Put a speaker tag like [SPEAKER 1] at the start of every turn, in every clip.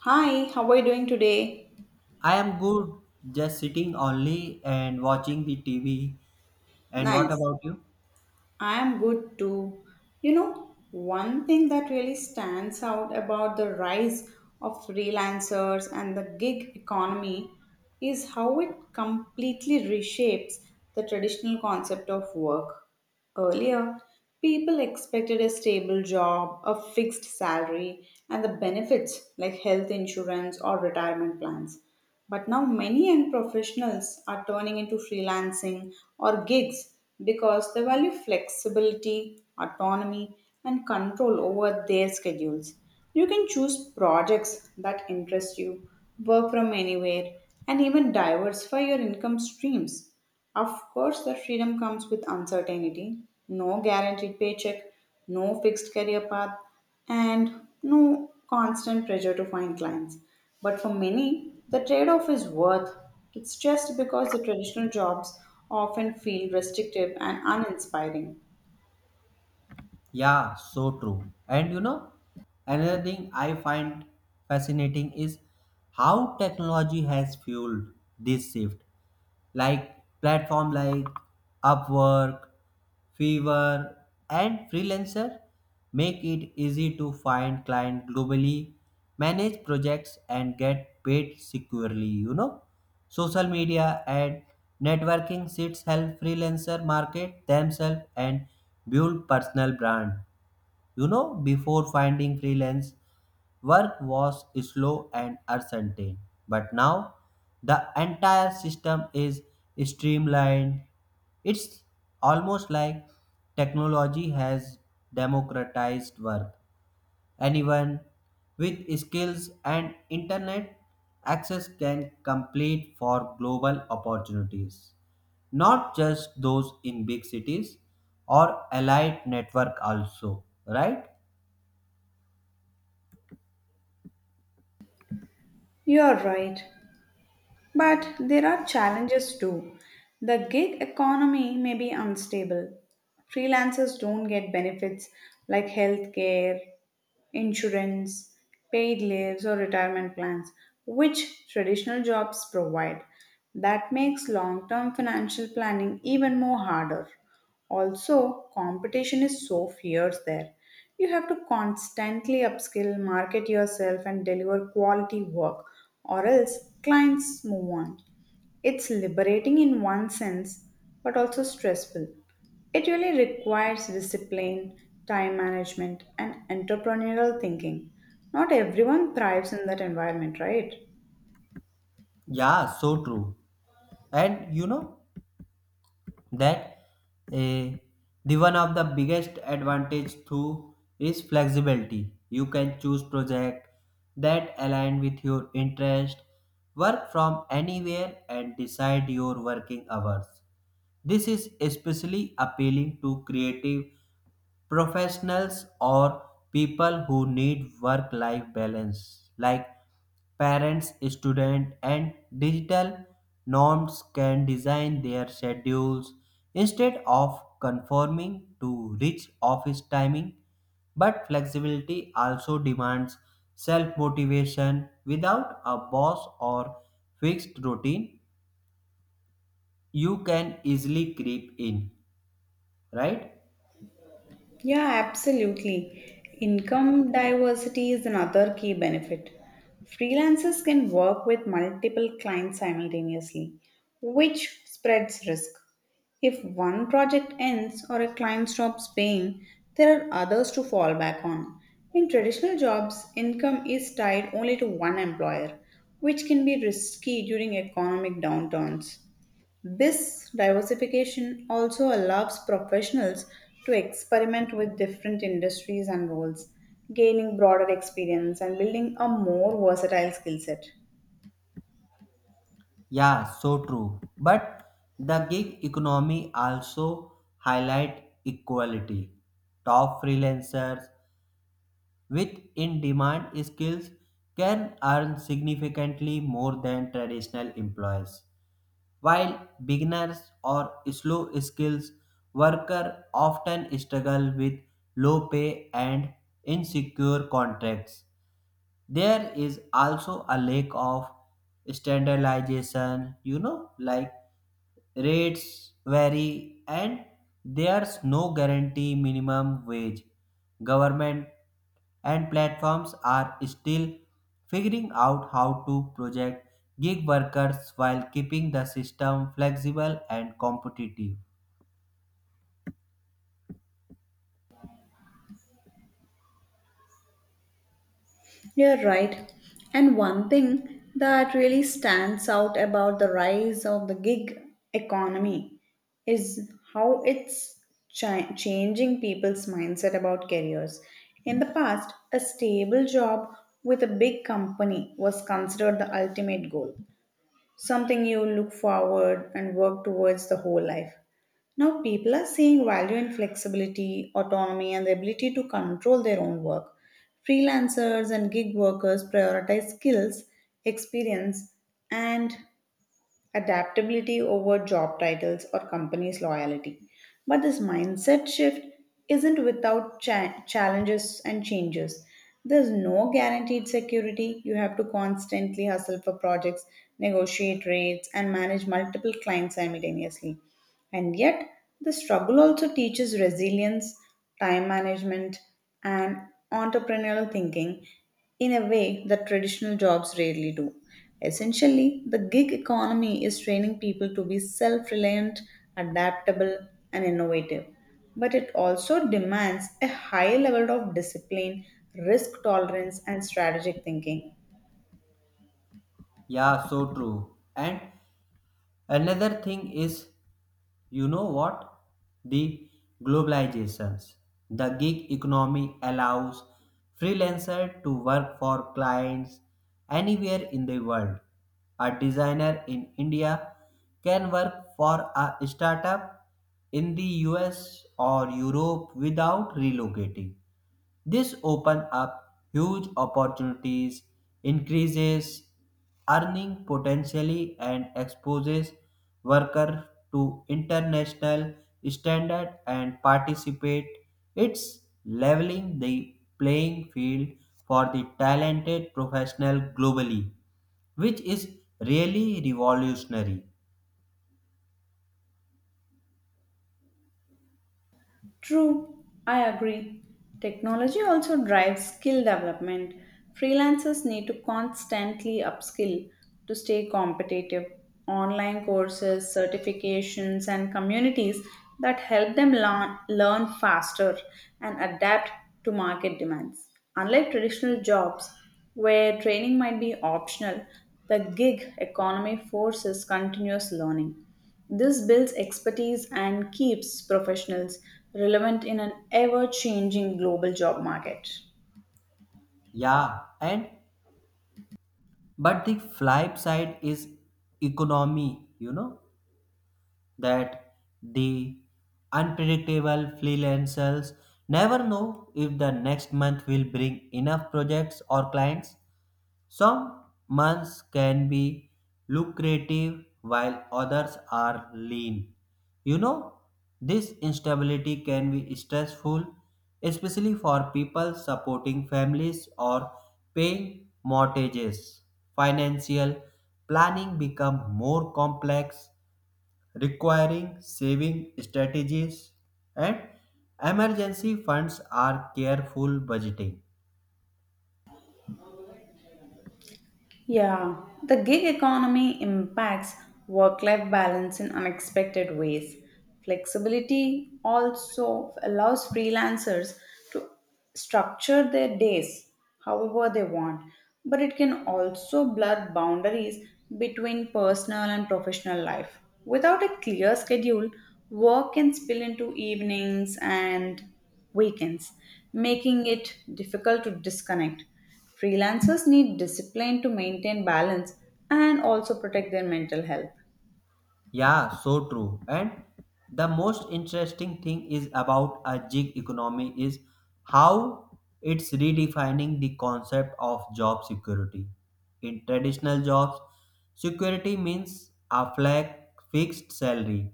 [SPEAKER 1] Hi, how are you doing today?
[SPEAKER 2] I am good, just sitting only and watching the TV. And what
[SPEAKER 1] Nice.
[SPEAKER 2] about you?
[SPEAKER 1] I am good too. You know, one thing that really stands out about the rise of freelancers and the gig economy is how it completely reshapes the traditional concept of work. Earlier, people expected a stable job, a fixed salary, and the benefits like health insurance or retirement plans. But now, many young professionals are turning into freelancing or gigs because they value flexibility, autonomy, and control over their schedules. You can choose projects that interest you, work from anywhere, and even diversify your income streams. Of course, that freedom comes with uncertainty, no guaranteed paycheck, no fixed career path, and no constant pressure to find clients. But for many, the trade off is worth. It's just because the traditional jobs often feel restrictive and uninspiring.
[SPEAKER 2] Yeah, so true. And you know, another thing I find fascinating is how technology has fueled this shift. Like platform like Upwork, Fiverr, and Freelancer make it easy to find client globally, manage projects, and get paid securely. You know, social media and networking sites help freelancer market themselves and build personal brand. You know, before finding freelance work was slow and uncertain, but now the entire system is streamlined. It's almost like technology has democratized work. Anyone with skills and internet access can compete for global opportunities, not just those in big cities or allied network also, right?
[SPEAKER 1] You're right. But there are challenges too. The gig economy may be unstable. Freelancers don't get benefits like health care insurance, paid leaves, or retirement plans, which traditional jobs provide. That makes long term financial planning even more harder. Also, competition is so fierce there. You have to constantly upskill, market yourself, and deliver quality work, or else clients move on. It's liberating in one sense, but also stressful. It really requires discipline, time management, and entrepreneurial thinking. Not everyone thrives in that environment, right?
[SPEAKER 2] Yeah, so true. And you know that eh, the one of the biggest advantage too is flexibility. You can choose project that align with your interest, work from anywhere and decide your working hours. This is especially appealing to creative professionals or people who need work life balance, like parents, students, and digital norms can design their schedules instead of conforming to rich office timing. But flexibility also demands self motivation without a boss or fixed routine you can easily creep in right?
[SPEAKER 1] Yeah, absolutely. Income diversity is another key benefit. Freelancers can work with multiple clients simultaneously, which spreads risk. If one project ends or a client stops paying, there are others to fall back on. In traditional jobs, income is tied only to one employer, which can be risky during economic downturns. This diversification also allows professionals to experiment with different industries and roles, gaining broader experience and building a more versatile skill set.
[SPEAKER 2] Yeah, so true. But the gig economy also highlight equality. Top freelancers with in-demand skills can earn significantly more than traditional employees, while beginners or slow skills worker often struggle with low pay and insecure contracts. There is also a lack of standardization, you know, like rates vary and there's no guarantee minimum wage. Government and platforms are still figuring out how to project gig workers while keeping the system flexible and competitive.
[SPEAKER 1] You're right. And one thing that really stands out about the rise of the gig economy is how it's changing people's mindset about careers. In the past, a stable job with a big company was considered the ultimate goal, something you look forward and work towards the whole life. Now, people are seeing value in flexibility, autonomy, and the ability to control their own work. Freelancers and gig workers prioritize skills, experience, and adaptability over job titles or companies' loyalty. But this mindset shift isn't without challenges and changes. There's no guaranteed security. You have to constantly hustle for projects, negotiate rates, and manage multiple clients simultaneously. And yet, the struggle also teaches resilience, time management, and entrepreneurial thinking in a way that traditional jobs rarely do. Essentially, the gig economy is training people to be self reliant, adaptable, and innovative. But it also demands a high level of discipline, risk tolerance, and strategic thinking.
[SPEAKER 2] Yeah, so true. And another thing is, you know what? The globalizations. The gig economy allows freelancer to work for clients anywhere in the world. A designer in India can work for a startup in the US or Europe without relocating. This open up huge opportunities, increases earning potentially and exposes worker to international standard and participate. It's leveling the playing field for the talented professional globally, which is really revolutionary.
[SPEAKER 1] True, I agree. Technology also drives skill development. Freelancers need to constantly upskill to stay competitive. Online courses, certifications, and communities that help them learn faster and adapt to market demands. Unlike traditional jobs, where training might be optional, the gig economy forces continuous learning. This builds expertise and keeps professionals relevant in an ever changing global job market.
[SPEAKER 2] Yeah, and but the flip side is economy, you know that the unpredictable freelancers never know if the next month will bring enough projects or clients. Some months can be lucrative while others are lean. You know, this instability can be stressful, especially for people supporting families or paying mortgages. Financial planning become more complex requiring saving strategies and emergency funds are careful budgeting.
[SPEAKER 1] Yeah, the gig economy impacts work life balance in unexpected ways. Flexibility also allows freelancers to structure their days however they want, but it can also blur boundaries between personal and professional life. Without a clear schedule, work can spill into evenings and weekends, making it difficult to disconnect. Freelancers need discipline to maintain balance and also protect their mental health.
[SPEAKER 2] Yeah, so true. And the most interesting thing is about a gig economy is how it's redefining the concept of job security. In traditional jobs, security means a flag, fixed salary,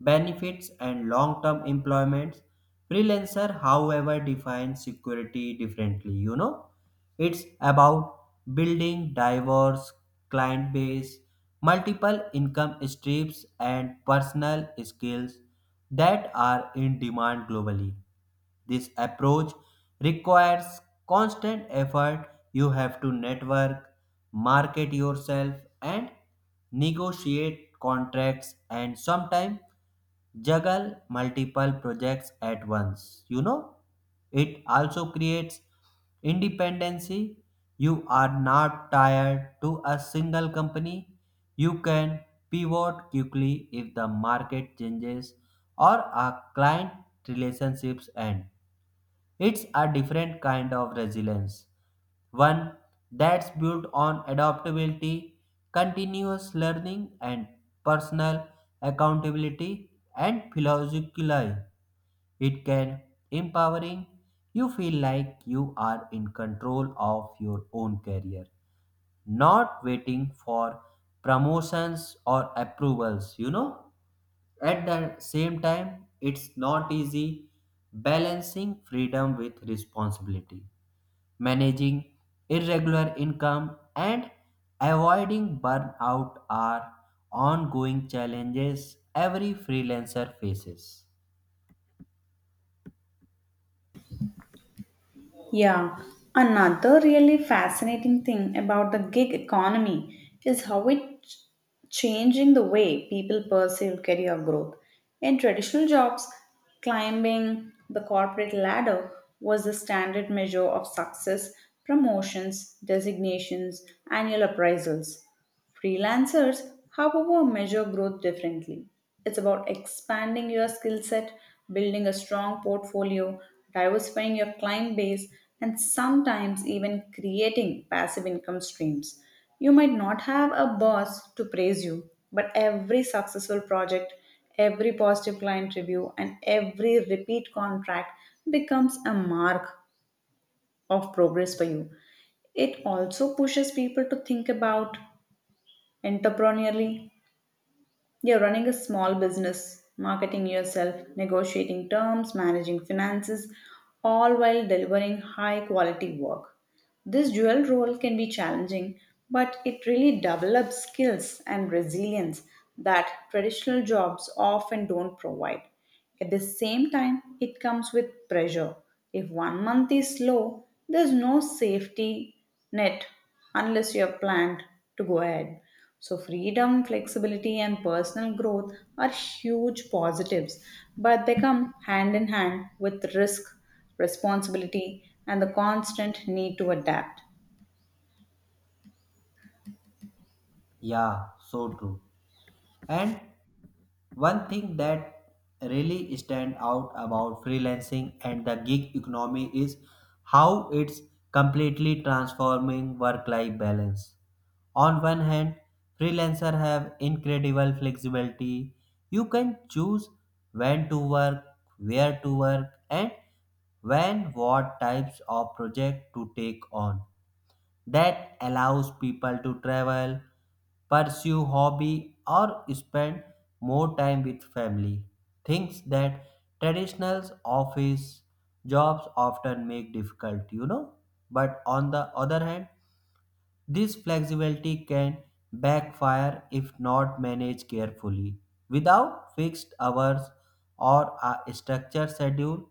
[SPEAKER 2] benefits, and long-term employments. Freelancer, however, defines security differently, you know it's about building diverse client base, multiple income streams and personal skills that are in demand globally. This approach requires constant effort. You have to network, market yourself, and negotiate contracts and sometimes juggle multiple projects at once. You know, it also creates independency. You are not tied to a single company. You can pivot quickly if the market changes or a client relationships end. It's a different kind of resilience, one that's built on adaptability, continuous learning, and personal accountability and philosophically. It can empowering you feel like you are in control of your own career not waiting for promotions or approvals, you know. At the same time, it's not easy balancing freedom with responsibility, managing irregular income, and avoiding burnout are ongoing challenges every freelancer faces.
[SPEAKER 1] Yeah, another really fascinating thing about the gig economy is how it's changing the way people perceive career growth. In traditional jobs, climbing the corporate ladder was the standard measure of success, promotions, designations, annual appraisals. Freelancers, however, measure growth differently. It's about expanding your skill set, building a strong portfolio, diversifying your client base, and sometimes even creating passive income streams. You might not have a boss to praise you, but every successful project, every positive client review, and every repeat contract becomes a mark of progress for you. It also pushes people to think about entrepreneurially. You're running a small business, marketing yourself, negotiating terms, managing finances, all while delivering high quality work. This dual role can be challenging, but it really develops skills and resilience that traditional jobs often don't provide. At the same time, it comes with pressure. If one month is slow, there's no safety net unless you have planned to go ahead. So, freedom, flexibility, and personal growth are huge positives, but they come hand in hand with risk responsibility, and the constant need to adapt.
[SPEAKER 2] Yeah, so true. And one thing that really stand out about freelancing and the gig economy is how it's completely transforming work-life balance. On one hand, freelancers have incredible flexibility. You can choose when to work, where to work, and when what types of project to take on that allows people to travel, pursue hobby or spend more time with family. Things that traditional office jobs often make difficult, you know. But on the other hand, this flexibility can backfire if not managed carefully. Without fixed hours or a structured schedule,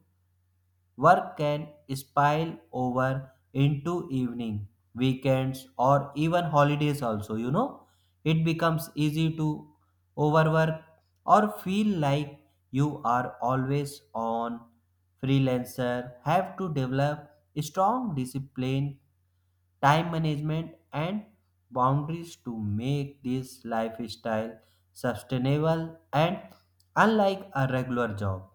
[SPEAKER 2] work can spile over into evening, weekends, or even holidays also, you know. It becomes easy to overwork or feel like you are always on. Freelancer have to develop strong discipline time management, and boundaries to make this lifestyle sustainable and unlike a regular job.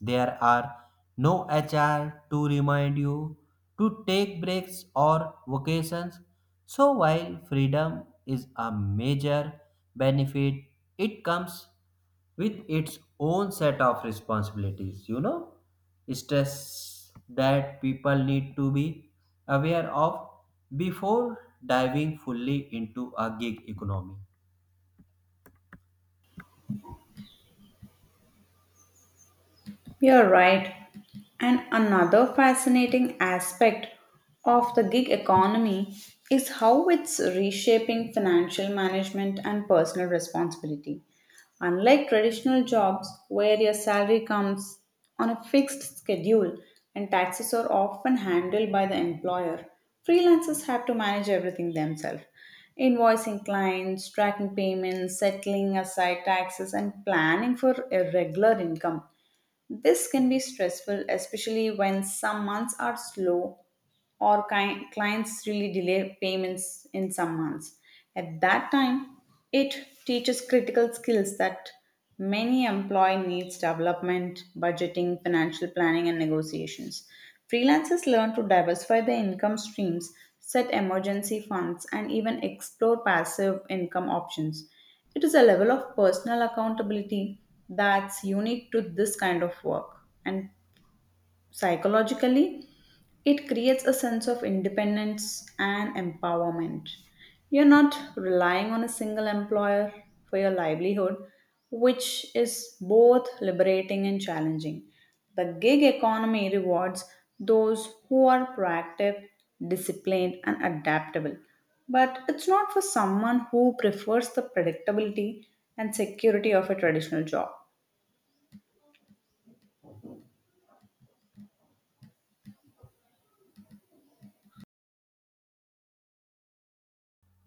[SPEAKER 2] There are no HR to remind you to take breaks or vacations so, while freedom is a major benefit, it comes with its own set of responsibilities, you know, stress that people need to be aware of before diving fully into a gig economy.
[SPEAKER 1] You're right. And another fascinating aspect of the gig economy is how it's reshaping financial management and personal responsibility. Unlike traditional jobs where your salary comes on a fixed schedule and taxes are often handled by the employer, freelancers have to manage everything themselves. Invoicing clients, tracking payments, settling aside taxes, and planning for a regular income. This can be stressful, especially when some months are slow or clients really delay payments in some months. At that time, it teaches critical skills that many employee needs development, budgeting, financial planning and negotiations. Freelancers learn to diversify their income streams, set emergency funds and even explore passive income options. It is a level of personal accountability that's unique to this kind of work and psychologically it creates a sense of independence and empowerment. You're not relying on a single employer for your livelihood, which is both liberating and challenging. The gig economy rewards those who are proactive, disciplined, and adaptable. But it's not for someone who prefers the predictability and security of a traditional job.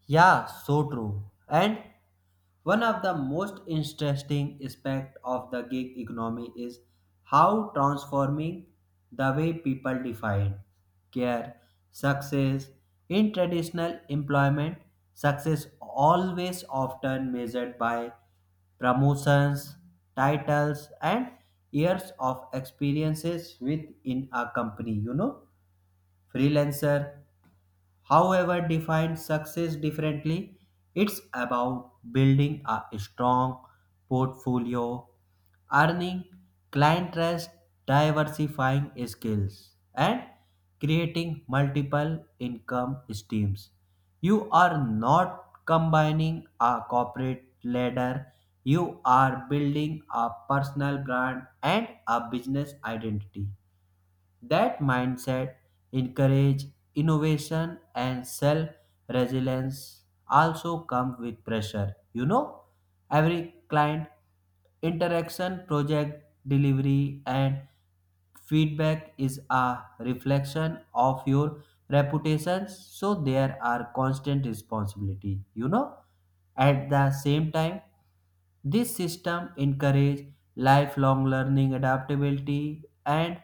[SPEAKER 2] Yeah, so true. And one of the most interesting aspect of the gig economy is how transforming the way people define care, success. In traditional employment, success always often measured by promotions, titles, and years of experiences within a company. You know, freelancer however, defines success differently. It's about building a strong portfolio, earning client trust, diversifying skills, and creating multiple income streams. You are not combining a corporate ladder, you are building a personal brand and a business identity. That mindset encourages innovation and self resilience also come with pressure. You know, every client interaction, project delivery, and feedback is a reflection of your reputation so there are constant responsibility you know at the same time this system encourage lifelong learning adaptability and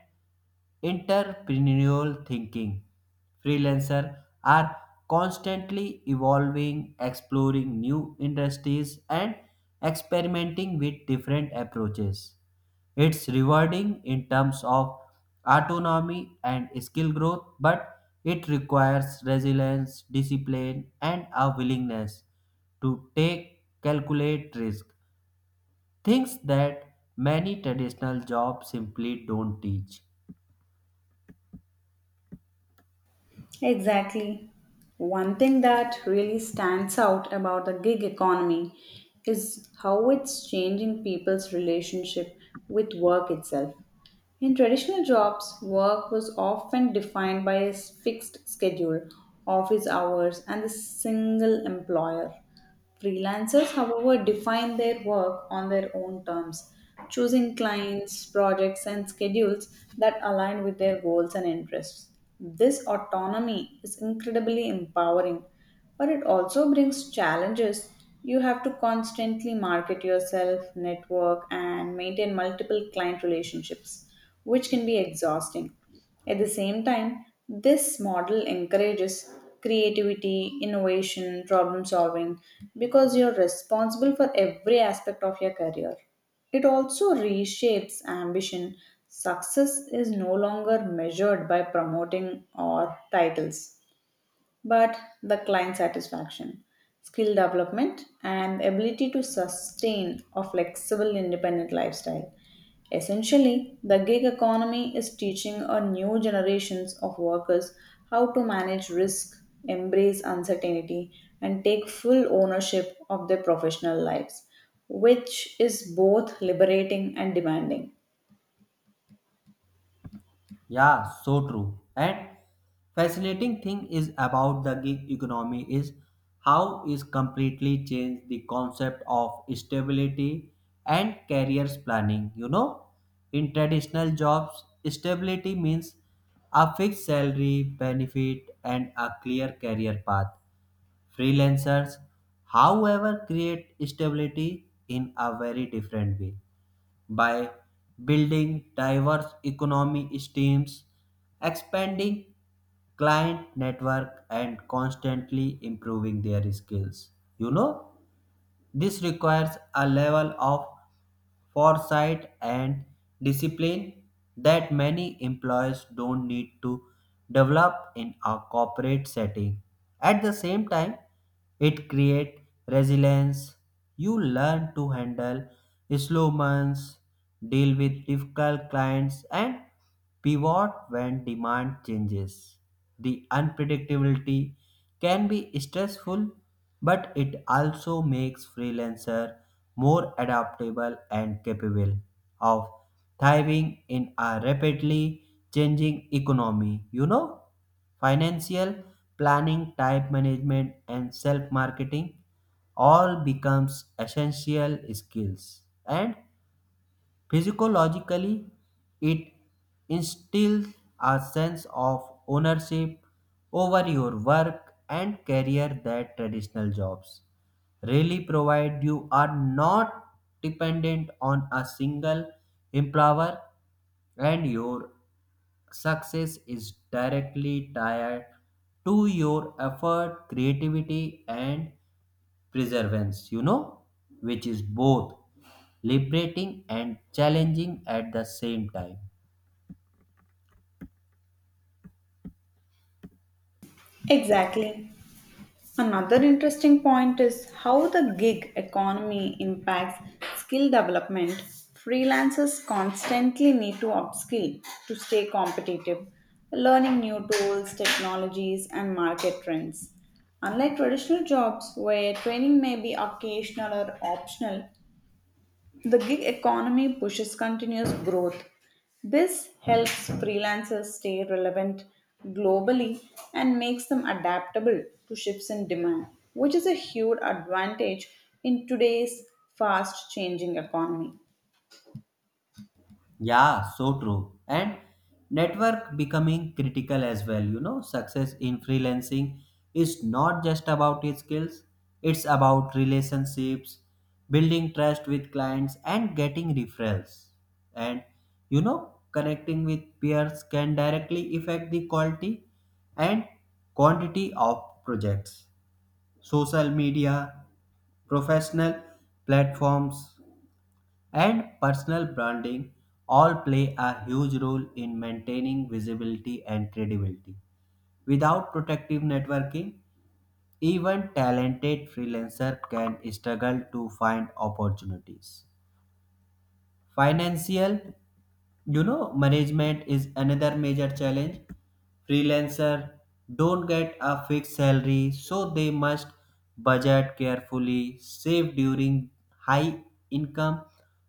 [SPEAKER 2] entrepreneurial thinking. Freelancers are constantly evolving, exploring new industries, and experimenting with different approaches. It's rewarding in terms of autonomy and skill growth, but it requires resilience, discipline, and a willingness to take calculate risk. Things that many traditional jobs simply don't teach.
[SPEAKER 1] Exactly. One thing that really stands out about the gig economy is how it's changing people's relationship with work itself. In traditional jobs, work was often defined by a fixed schedule, office hours, and a single employer. Freelancers, however, define their work on their own terms, choosing clients, projects, and schedules that align with their goals and interests. This autonomy is incredibly empowering, but it also brings challenges. You have to constantly market yourself, network, and maintain multiple client relationships, which can be exhausting. At the same time, this model encourages creativity, innovation, problem solving because you're responsible for every aspect of your career. It also reshapes ambition. Success is no longer measured by promoting or titles but the client satisfaction, skill development, and ability to sustain a flexible, independent lifestyle. Essentially, the gig economy is teaching a new generations of workers how to manage risk, embrace uncertainty, and take full ownership of their professional lives, which is both liberating and demanding.
[SPEAKER 2] Yeah, so true. And fascinating thing is about the gig economy is how it's completely changed the concept of stability and careers planning. You know, in traditional jobs, stability means a fixed salary, benefit, and a clear career path. Freelancers, however, create stability in a very different way by building diverse economy streams, expanding client network and constantly improving their skills. You know, this requires a level of foresight, and discipline that many employers don't need to develop in a corporate setting. At the same time, it creates resilience. You learn to handle slow months, deal with difficult clients, and pivot when demand changes. The unpredictability can be stressful, but it also makes freelancer more adaptable and capable of thriving in a rapidly changing economy. You know, financial planning, type management, and self marketing all becomes essential skills and physiologically, it instills a sense of ownership over your work and career that traditional jobs really provide. You are not dependent on a single employer, and your success is directly tied to your effort, creativity, and preservance, you know, which is both liberating and challenging at the same time.
[SPEAKER 1] Exactly. Another interesting point is how the gig economy impacts skill development. Freelancers constantly need to upskill to stay competitive, learning new tools, technologies, and market trends. Unlike traditional jobs, where training may be occasional or optional, the gig economy pushes continuous growth. This helps freelancers stay relevant globally and makes them adaptable to shifts in demand, which is a huge advantage in today's fast changing economy.
[SPEAKER 2] Yeah, so true. And network becoming critical as well, you know, success in freelancing is not just about your skills, it's about relationships, building trust with clients, and getting referrals. And you know, connecting with peers can directly affect the quality and quantity of projects social media, professional platforms, and personal branding all play a huge role in maintaining visibility and credibility. Without protective networking, even talented freelancers can struggle to find opportunities. Financial you know management is another major challenge freelancer don't get a fixed salary so they must budget carefully save during high income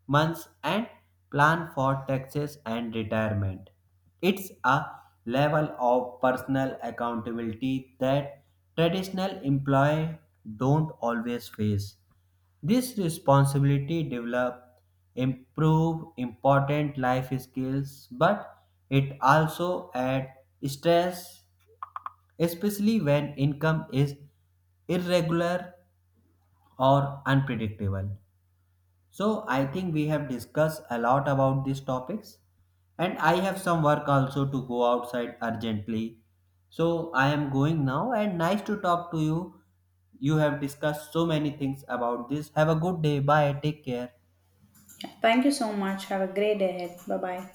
[SPEAKER 2] months and plan for taxes and retirement it's a level of personal accountability that traditional employees don't always face this responsibility develop improve important life skills, but it also add stress, especially when income is irregular or unpredictable. So I think we have discussed a lot about these topics and I have some work also to go outside urgently. So I am going now and nice to talk to you. You have discussed so many things about this. Have a good day. Bye. Take care.
[SPEAKER 1] Thank you so much. Have a great day ahead. Bye bye.